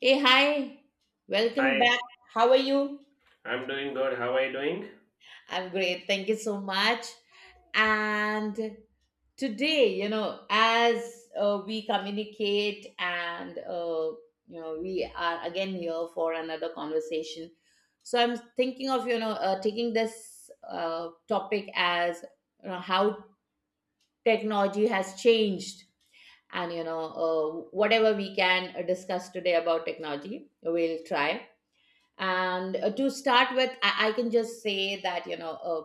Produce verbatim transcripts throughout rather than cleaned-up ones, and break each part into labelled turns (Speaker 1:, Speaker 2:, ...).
Speaker 1: Hey, hi. Welcome
Speaker 2: Hi,
Speaker 1: back. How are you?
Speaker 2: I'm doing good. How are you doing?
Speaker 1: I'm great. Thank you so much. And today, you know, as uh, we communicate and, uh, you know, we are again here for another conversation. So I'm thinking of, you know, uh, taking this uh, topic as, you know, how technology has changed. And, you know, uh, whatever we can uh, discuss today about technology, we'll try. And uh, to start with, I, I can just say that, you know, uh,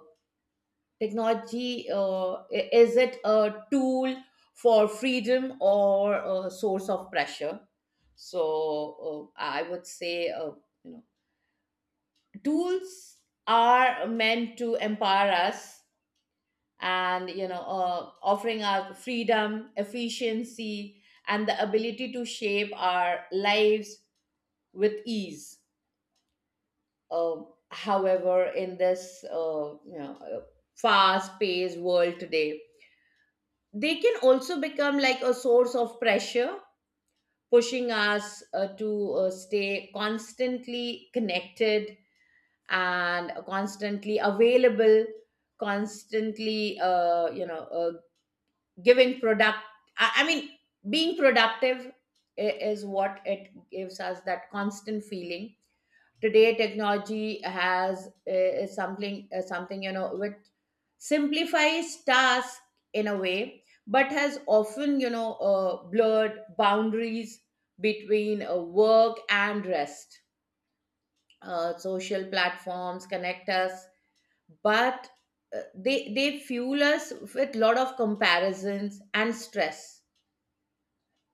Speaker 1: technology uh, i- is it a tool for freedom or a source of pressure? So uh, I would say, uh, you know, tools are meant to empower us and, you know, uh, offering us freedom, efficiency, and the ability to shape our lives with ease. Uh, However, in this uh, you know uh, fast-paced world today, they can also become like a source of pressure, pushing us uh, to uh, stay constantly connected and constantly available, constantly uh, you know uh, giving product. I, I mean, being productive i- is what it gives us that constant feeling. Today technology has uh, is something uh, something, you know, which simplifies tasks in a way, but has often, you know uh, blurred boundaries between uh, work and rest. Uh, social platforms connect us, but uh, they they fuel us with lot of comparisons and stress.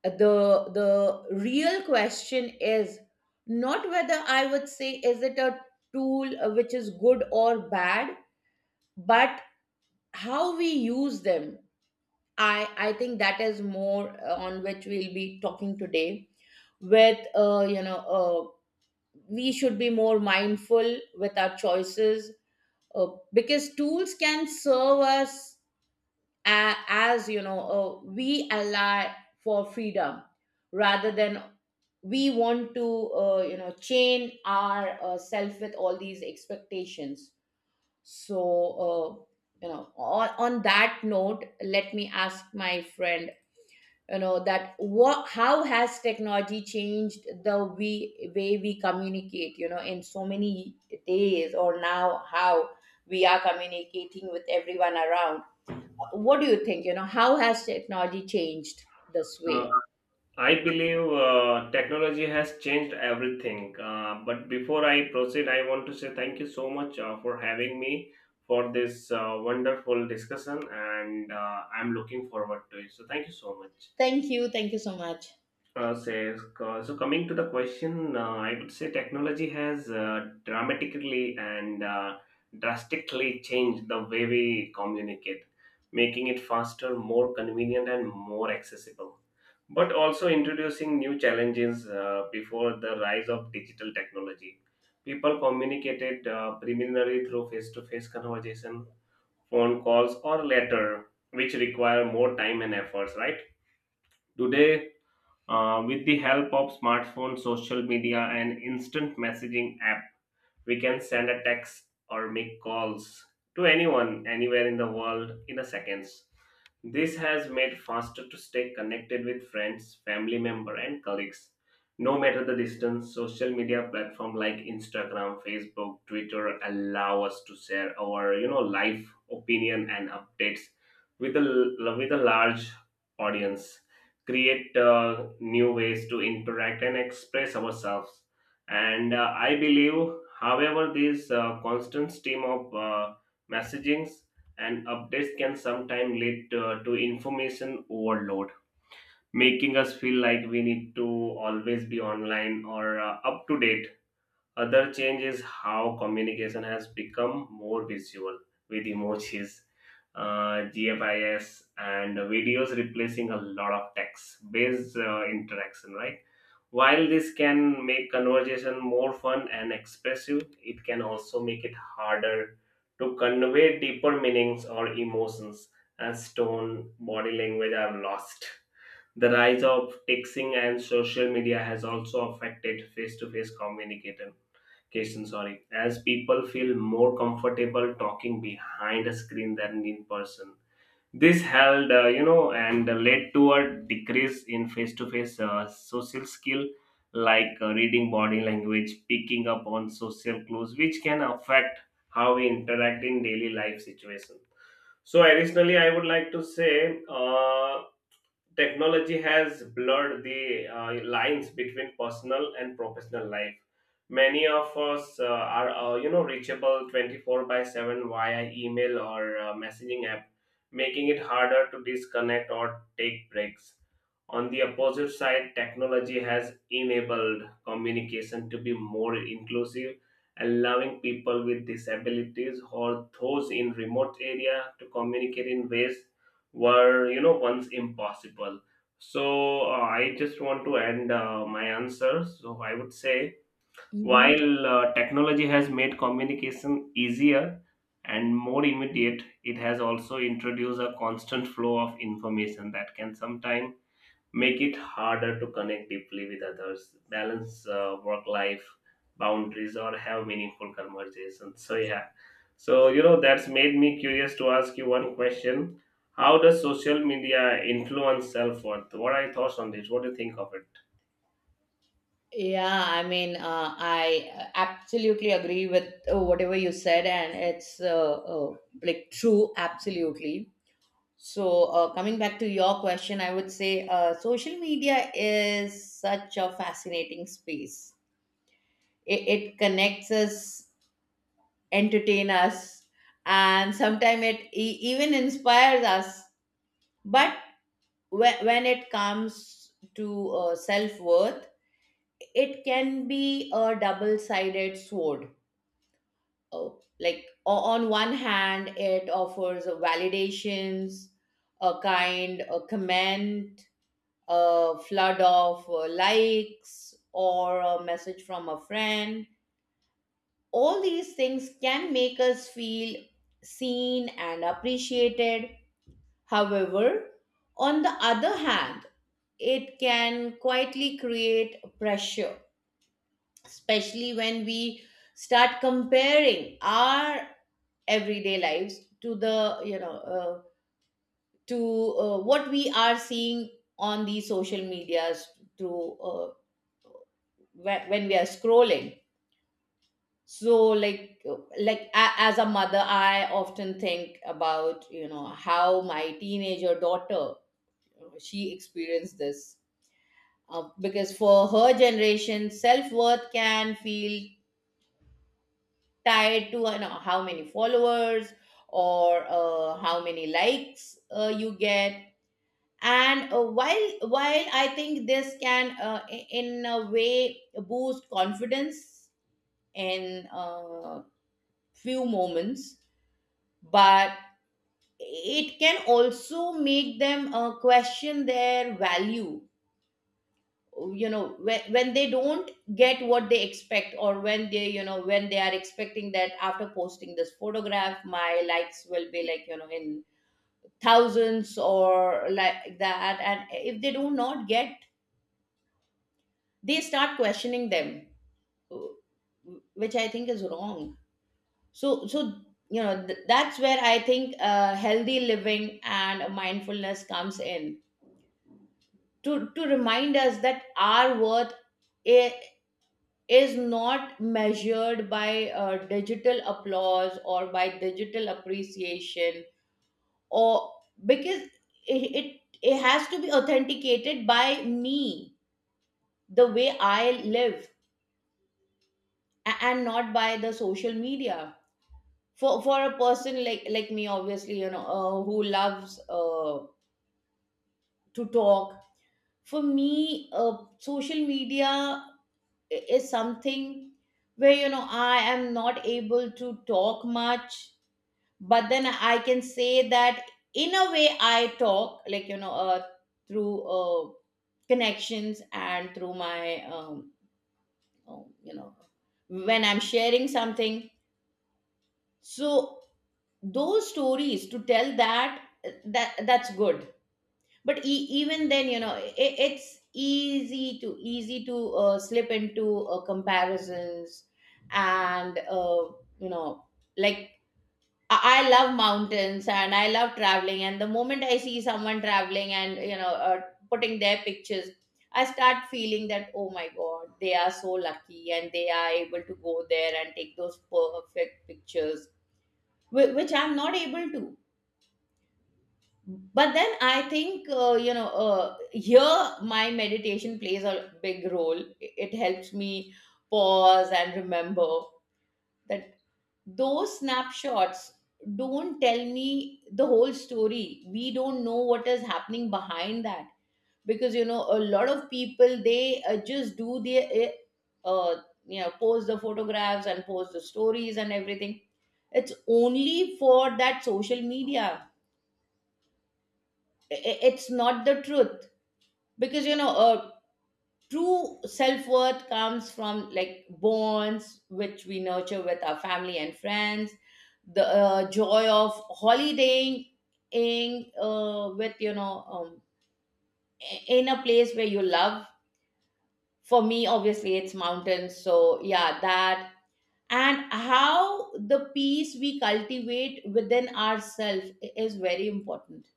Speaker 1: The the real question is not, whether I would say, is it a tool uh, which is good or bad, but how we use them. I i think that is more uh, on which we'll be talking today. With uh, you know uh, we should be more mindful with our choices, uh, because tools can serve us, a- as you know, uh, we ally for freedom, rather than we want to uh, you know, chain our uh, self with all these expectations. So uh, you know, on, on that note, let me ask my friend, you know, that what, how has technology changed the we, way we communicate, you know, in so many days, or now how we are communicating with everyone around. What do you think, you know, how has technology changed this way?
Speaker 2: Uh, I believe uh, technology has changed everything. Uh, but before I proceed, I want to say thank you so much uh, for having me for this uh, wonderful discussion, and uh, I'm looking forward to it. So, thank you so much.
Speaker 1: Thank you, thank you so much.
Speaker 2: Uh, says, uh, so coming to the question, uh, I would say technology has uh, dramatically and uh, drastically changed the way we communicate, making it faster, more convenient, and more accessible. But also introducing new challenges, uh, before the rise of digital technology. People communicated uh, preliminarily through face to face conversation, phone calls, or letter, which require more time and efforts, right? Today, uh, with the help of smartphone, social media, and instant messaging app, we can send a text or make calls to anyone, anywhere in the world in a seconds. This has made faster to stay connected with friends, family member and colleagues. No matter the distance, social media platform like Instagram, Facebook, Twitter allow us to share our, you know, life, opinion and updates with a with a large audience. Create uh, new ways to interact and express ourselves and uh, I believe, however, this uh, constant stream of uh, messagings and updates can sometimes lead to, to information overload, making us feel like we need to always be online or uh, up to date. Other change is how communication has become more visual with emojis, uh, G F I S, and videos replacing a lot of text-based uh, interaction, right? While this can make conversation more fun and expressive, it can also make it harder to convey deeper meanings or emotions as tone, body language are lost. The rise of texting and social media has also affected face to face communication. Question. Sorry, as people feel more comfortable talking behind a screen than in person. This held, uh, you know, and led to a decrease in face to face social skill like uh, reading body language, picking up on social clues, which can affect how we interact in daily life situations. So, additionally, I would like to say, uh, technology has blurred the uh, lines between personal and professional life. Many of us uh, are, uh, you know, reachable twenty-four by seven via email or uh, messaging app, making it harder to disconnect or take breaks. On the opposite side, technology has enabled communication to be more inclusive, allowing people with disabilities or those in remote area to communicate in ways were, you know, once impossible. So uh, I just want to end uh, my answer. So I would say
Speaker 1: Hmm.
Speaker 2: while uh, technology has made communication easier and more immediate, it has also introduced a constant flow of information that can sometimes make it harder to connect deeply with others, balance uh, work life boundaries, or have meaningful conversations. So, yeah. So, you know, that's made me curious to ask you one question. How does social media influence self worth? What are your thoughts on this? What do you think of it?
Speaker 1: Yeah, I mean, uh, I absolutely agree with uh, whatever you said, and it's uh, uh, like true, absolutely. So uh, coming back to your question, I would say uh, social media is such a fascinating space. It, it connects us, entertain us, and sometimes it e- even inspires us. But when, when it comes to uh, self worth, it can be a double sided sword. Oh, like o- on one hand, it offers uh, validations, a kind, a comment, a flood of uh, likes, or a message from a friend. All these things can make us feel seen and appreciated. However, on the other hand, it can quietly create pressure, especially when we start comparing our everyday lives to the, you know, uh, to uh, what we are seeing on the social medias through uh, whe- when we are scrolling. So, like, uh, like a- as a mother, I often think about, you know, how my teenager daughter, uh, she experienced this. Uh, because for her generation, self worth can feel tied to, you know, how many followers or uh, how many likes uh, you get. And uh, while while I think this can uh, i- in a way boost confidence in uh, few moments, but it can also make them uh, question their value, you know, when, when they don't get what they expect, or when they, you know, when they are expecting that after posting this photograph my likes will be like, you know, in thousands or like that, and if they do not get, they start questioning them, which I think is wrong. So so you know, th- that's where I think uh, healthy living and mindfulness comes in to to remind us that our worth i- is not measured by uh, digital applause or by digital appreciation, or, because it, it it has to be authenticated by me, the way I live, a- and not by the social media. For for a person like like me, obviously, you know, uh, who loves uh, to talk, for me, uh, social media i- is something where, you know, I am not able to talk much. But then I can say that in a way I talk like, you know, uh, through uh, connections and through my um, um, you know, when I'm sharing something. So those stories to tell that that that's good. But e- even then, you know, I it's easy to easy to uh, slip into uh, comparisons and uh, you know, like, I I love mountains and I love traveling. And the moment I see someone traveling and, you know, uh, putting their pictures, I start feeling that, oh my god, they are so lucky and they are able to go there and take those perfect pictures, whi- which I'm not able to. But then I think uh, you know uh, here my meditation plays a big role. It it helps me pause and remember that those snapshots don't tell me the whole story. We don't know what is happening behind that, because, you know, a lot of people, they uh, just do their uh, uh, you know, post the photographs and post the stories and everything. It's only for that social media. I- I- it's not the truth, because, you know, uh, true self-worth comes from like bonds which we nurture with our family and friends, the uh, joy of holidaying in, uh, with, you know um, i- in a place where you love. For me, obviously, it's mountains, so yeah, that, and how the peace we cultivate within ourselves i- is very important.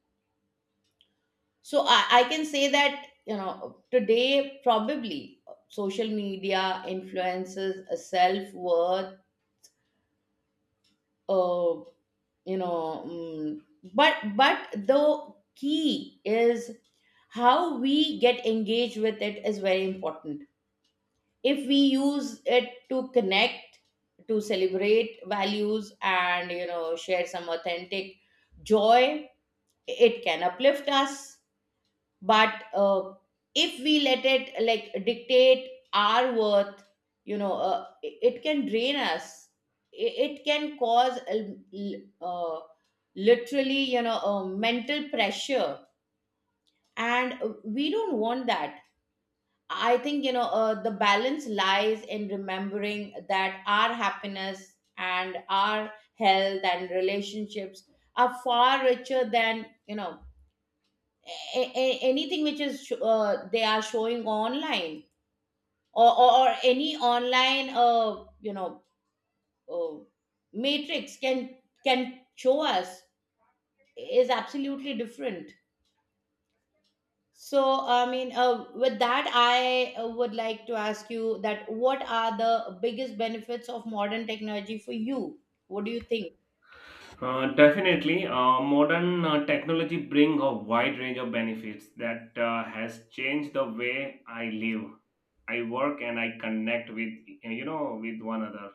Speaker 1: So I, I can say that, you know, today probably social media influences a self-worth, uh, you know, mm, but but the key is how we get engaged with it is very important. If we use it to connect, to celebrate values and, you know, share some authentic joy, it can uplift us. But uh, if we let it like dictate our worth, you know, uh, it, it can drain us it, it can cause a l- uh, literally, you know, uh, mental pressure, and uh, we don't want that. I think, you know, uh, the balance lies in remembering that our happiness and our health and relationships are far richer than, you know, a- a- anything which is sh- uh, they are showing online, or, or, or any online, uh, you know uh, matrix can can show us, is absolutely different. So I mean, uh, with that I uh, would like to ask you that what are the biggest benefits of modern technology for you? What do you think?
Speaker 2: Uh, definitely, uh, modern uh, technology bring a wide range of benefits that uh, has changed the way I live, I work, and I connect with, uh, you know, with one another.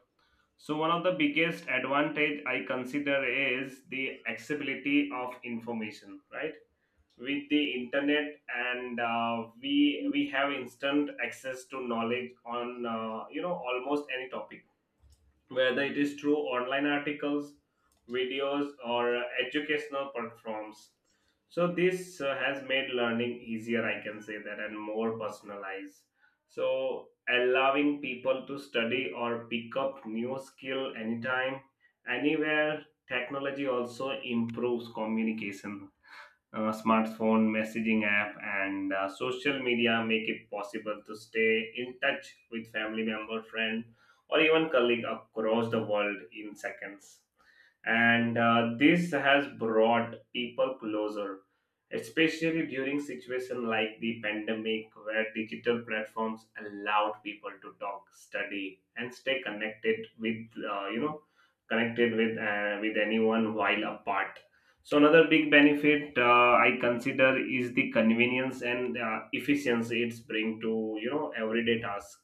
Speaker 2: So one of the biggest advantage I consider is the accessibility of information. Right, with the internet, and uh, we we have instant access to knowledge on, uh, you know, almost any topic, whether it is through online articles, videos, or uh, educational platforms. So this uh, has made learning easier, I can say that, and more personalized. So allowing people to study or pick up new skill anytime, anywhere. Technology also improves communication, uh, smartphone messaging app and uh, social media make it possible to stay in touch with family member friend or even colleague across the world in seconds, and uh, this has brought people closer, especially during situations like the pandemic where digital platforms allowed people to talk study and stay connected with, uh, you know connected with uh, with anyone while apart. So another big benefit, uh, I consider is the convenience and uh, efficiency it's bring to, you know, everyday tasks.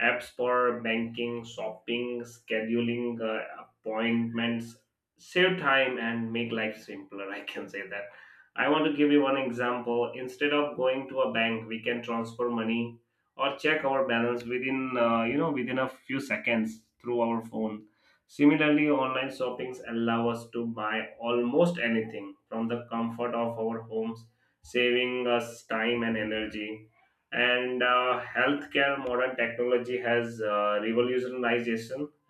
Speaker 2: Apps for banking, shopping, scheduling, uh, appointments save time and make life simpler. I can say that. I want to give you one example. Instead of going to a bank, we can transfer money or check our balance within, uh, you know within a few seconds through our phone. Similarly, online shoppings allow us to buy almost anything from the comfort of our homes, saving us time and energy. And uh, healthcare, modern technology has uh, revolutionized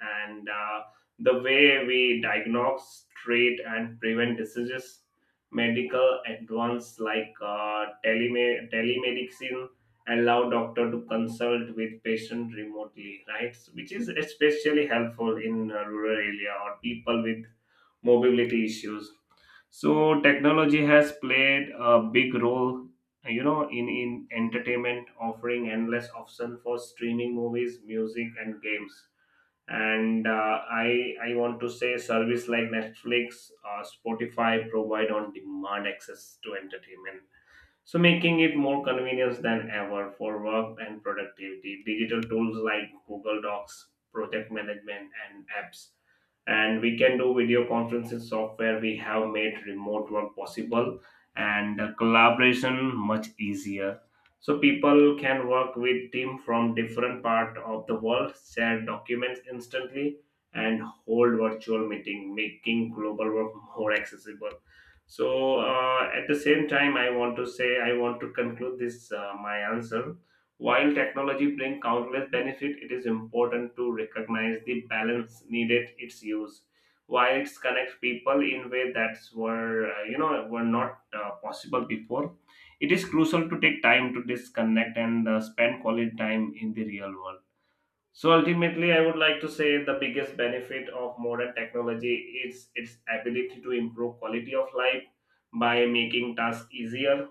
Speaker 2: and uh, the way we diagnose, treat, and prevent diseases. Medical advance like uh, teleme- telemedicine allow doctor to consult with patient remotely, right, which is especially helpful in uh, rural area or people with mobility issues. So technology has played a big role, you know, in in entertainment, offering endless option for streaming movies music and games. And uh, i i want to say service like Netflix or Spotify provide on demand access to entertainment, so making it more convenient than ever for work and productivity. Digital tools like Google Docs, project management, and apps. And we can do video conferencing software. We have made remote work possible and the collaboration much easier. So people can work with team from different part of the world, share documents instantly, and hold virtual meeting, making global work more accessible. So uh, at the same time, I want to say I want to conclude this, uh, my answer. While technology brings countless benefit, it is important to recognize the balance needed its use. While it connects people in way that were, uh, you know were not uh, possible before, it is crucial to take time to disconnect and uh, spend quality time in the real world. So ultimately, I would like to say the biggest benefit of modern technology is its ability to improve quality of life by making tasks easier,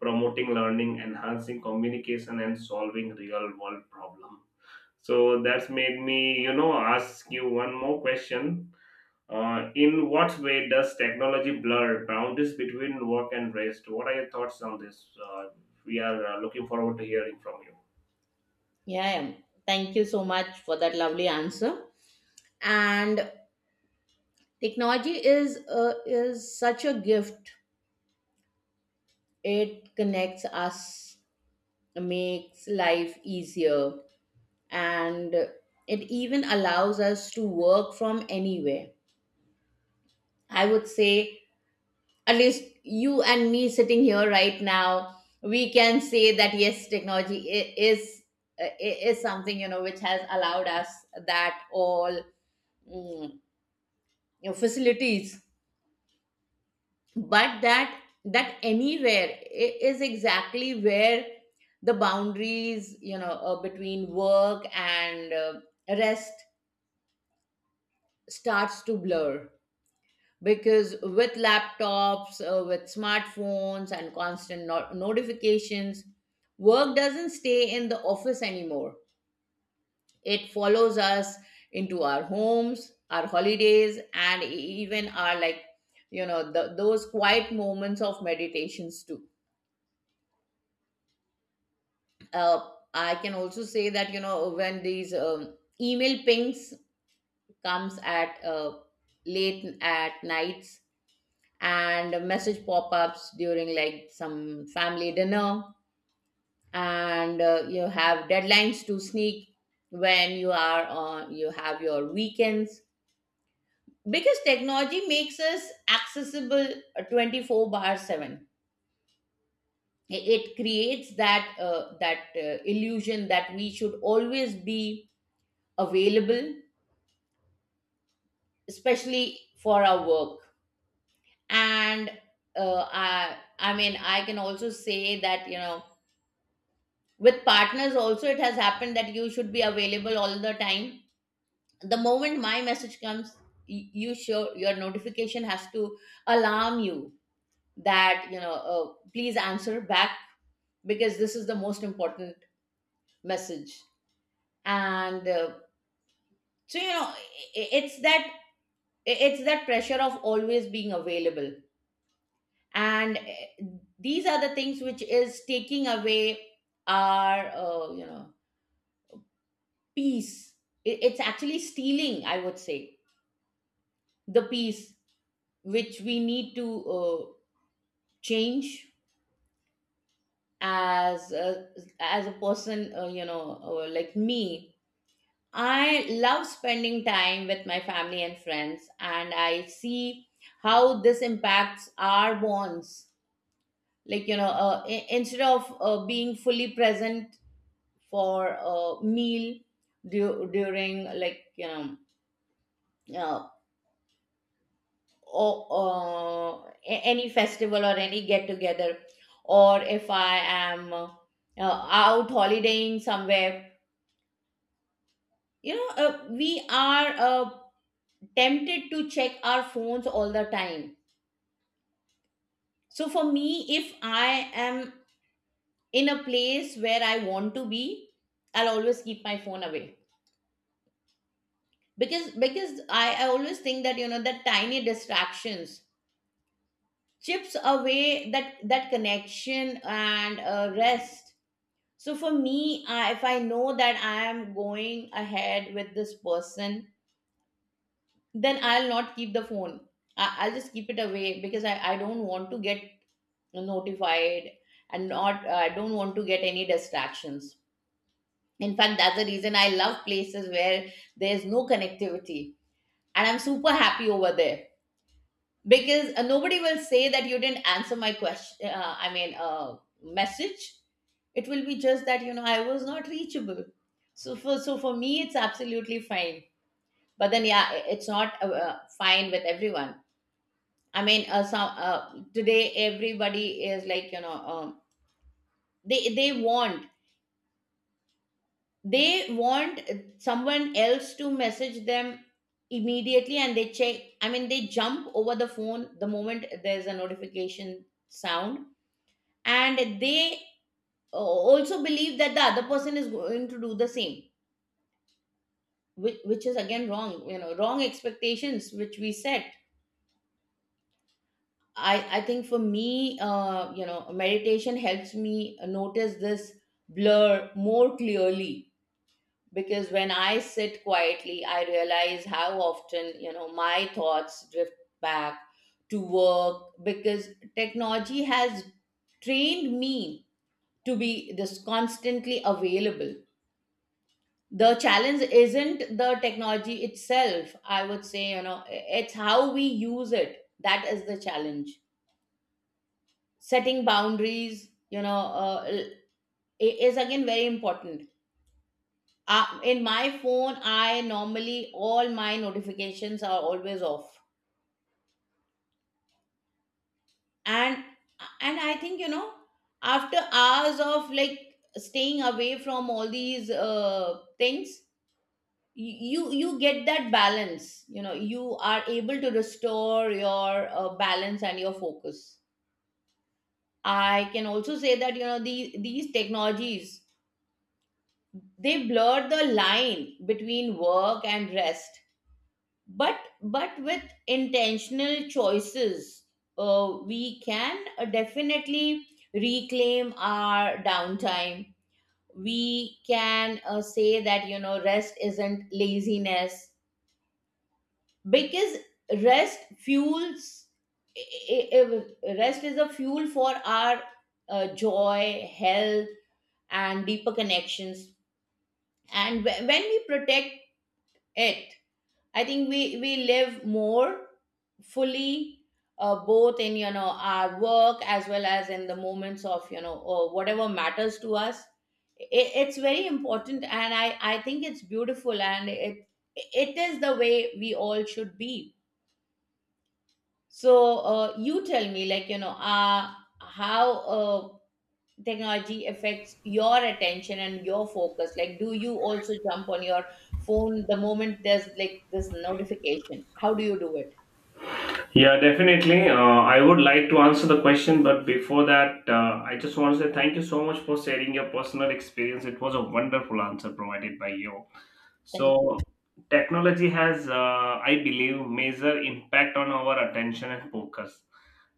Speaker 2: promoting learning, enhancing communication, and solving real world problems. So that's made me, you know, ask you one more question. Uh, in what way does technology blur boundaries between work and rest? What are your thoughts on this? Uh, we are uh, looking forward to hearing from you.
Speaker 1: Yeah, yeah. Thank you so much for that lovely answer. And technology is uh, is such a gift. It connects us, makes life easier, and it even allows us to work from anywhere. I would say at least you and me sitting here right now, we can say that yes, technology i- is i- is something, you know, which has allowed us that all, mm, you know, facilities. But that, that anywhere i- is exactly where the boundaries, you know, uh, between work and uh, rest, starts to blur, because with laptops uh, with smartphones and constant no- notifications, work doesn't stay in the office anymore. It follows us into our homes, our holidays, and e- even our like, you know, the, those quiet moments of meditations too. uh, I can also say that, you know, when these um, email pings comes at uh, late at nights, and message pop-ups during like some family dinner, and uh, you have deadlines to sneak when you are on, you have your weekends, because technology makes us accessible uh, twenty four bar seven. It it creates that uh, that uh, illusion that we should always be available, especially for our work. And uh, i i mean, I can also say that, you know, with partners also, it has happened that you should be available all the time. The moment my message comes, y- you show your notification has to alarm you that, you know, uh, please answer back, because this is the most important message. And uh, so you know, i- i- it's that, it's that pressure of always being available. And eh, these are the things which is taking away our, uh, you know, peace. It- it's actually stealing, I would say, the peace, which we need to uh, change. as a, as a person, uh, you know, uh, like me, I love spending time with my family and friends, and I see how this impacts our bonds. Like, you know, uh, i- instead of uh, being fully present for a meal, du- during like, you know, uh, or, uh, a- any festival or any get together, or if I am uh, out holidaying somewhere, you know, uh, we are uh, tempted to check our phones all the time. So for me, if I am in a place where I want to be, I'll always keep my phone away, because because i, I always think that you know the tiny distractions chips away that that connection and uh, rest. So for me, I, if I know that I am going ahead with this person, then I'll not keep the phone. I, I'll just keep it away because i, I don't want to get notified, and not uh, I don't want to get any distractions. In fact, that's the reason I love places where there's no connectivity and I'm super happy over there. Because uh, nobody will say that you didn't answer my question, uh, I mean, uh, message. It will be just that you know I was not reachable. So for so for me it's absolutely fine. But then yeah, i- it's not uh, uh, fine with everyone. I mean, uh, some uh, today everybody is like you know, um, they they want they want someone else to message them immediately and they check. I mean, they jump over the phone the moment there's a notification sound. And they uh, also believe that the other person is going to do the same, which, which is again wrong, you know, wrong expectations which we set. I i think for me, uh you know, meditation helps me notice this blur more clearly, because when I sit quietly I realize how often you know my thoughts drift back to work, because technology has trained me to be this constantly available. The challenge isn't the technology itself, I would say, you know, it's how we use it that is the challenge. Setting boundaries, you know, uh, l- i- is again very important. Uh, in my phone I normally, all my notifications are always off. And and I think you know, after hours of like staying away from all these uh, things, you you get that balance. You know, you are able to restore your uh, balance and your focus. I can also say that you know the, these technologies, they blur the line between work and rest. But but with intentional choices, uh, we can uh, definitely reclaim our downtime. We can uh, say that you know rest isn't laziness, because rest fuels, i- i- rest is a fuel for our uh, joy, health, and deeper connections. And wh- when we protect it, I think we we live more fully, uh, both in you know our work as well as in the moments of you know uh, whatever matters to us. I- it's very important, and i i think it's beautiful, and it it is the way we all should be. So uh, you tell me, like, you know, uh, how uh, technology affects your attention and your focus. Like, do you also jump on your phone the moment there's like this notification? How do you do it?
Speaker 2: Yeah, definitely. Uh, I would like to answer the question, but before that, uh, I just want to say thank you so much for sharing your personal experience. It was a wonderful answer provided by you.
Speaker 1: Thank you.
Speaker 2: So, technology has, uh, I believe, major impact on our attention and focus,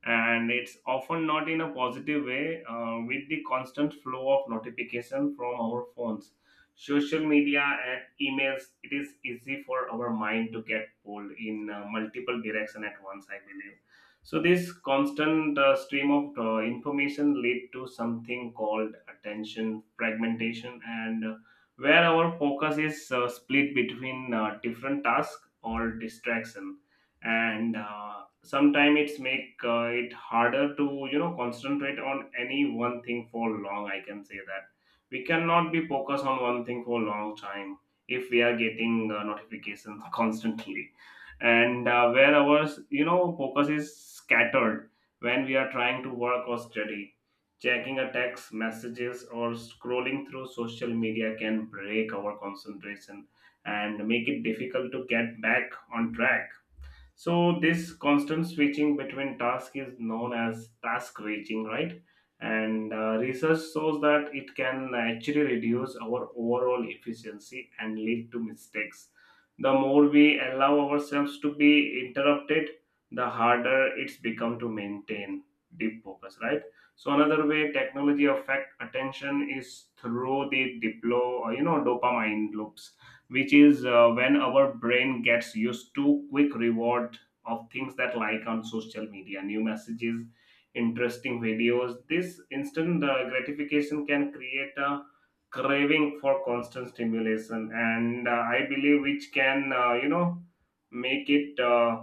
Speaker 2: and it's often not in a positive way uh, with the constant flow of notification from our phones, social media and emails. It is easy for our mind to get pulled in, uh, multiple direction at once, I believe. So this constant uh, stream of uh, information lead to something called attention fragmentation, and uh, where our focus is uh, split between uh, different tasks or distraction, and uh, sometimes it's make uh, it harder to, you know, concentrate on any one thing for long. I can say that we cannot be focused on one thing for a long time if we are getting uh, notifications constantly, and uh, where our, you know, focus is scattered. When we are trying to work or study, checking a text messages or scrolling through social media can break our concentration and make it difficult to get back on track. So this constant switching between tasks is known as task reaching, right? And uh, research shows that it can actually reduce our overall efficiency and lead to mistakes. The more we allow ourselves to be interrupted, the harder it's become to maintain deep focus, right? So another way technology affect attention is through the diplo, you know, dopamine loops, which is uh, when our brain gets used to quick reward of things that like on social media, new messages, interesting videos. This instant uh, gratification can create a craving for constant stimulation, and uh, I believe which can, uh, you know, make it uh,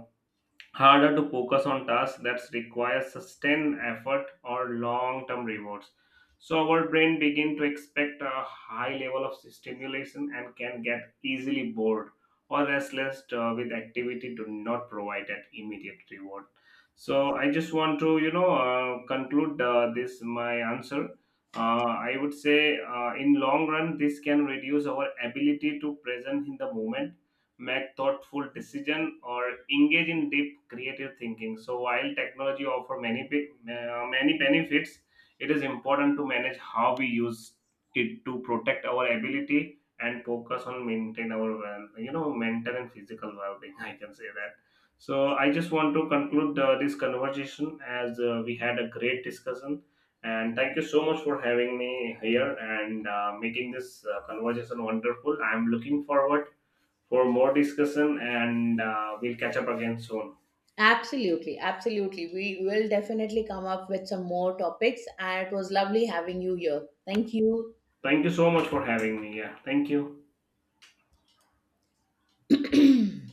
Speaker 2: harder to focus on tasks that require sustained effort or long-term rewards. So our brain begin to expect a high level of stimulation and can get easily bored or restless uh, with activity do not provide that immediate reward. So I just want to, you know, uh, conclude uh, this my answer. Uh, I would say uh, in long run this can reduce our ability to present in the moment, make thoughtful decision or engage in deep creative thinking. So while technology offer many be- uh, many benefits, it is important to manage how we use it to protect our ability and focus on maintain our well, you know, mental and physical well-being. I can say that. So I just want to conclude uh, this conversation, as uh, we had a great discussion, and thank you so much for having me here, and uh, making this uh, conversation wonderful. I'm looking forward for more discussion, and uh, we'll catch up again soon.
Speaker 1: Absolutely, absolutely. We will definitely come up with some more topics, and it was lovely having you here. Thank
Speaker 2: Thank you so much for having me. Yeah, thank you.
Speaker 1: you.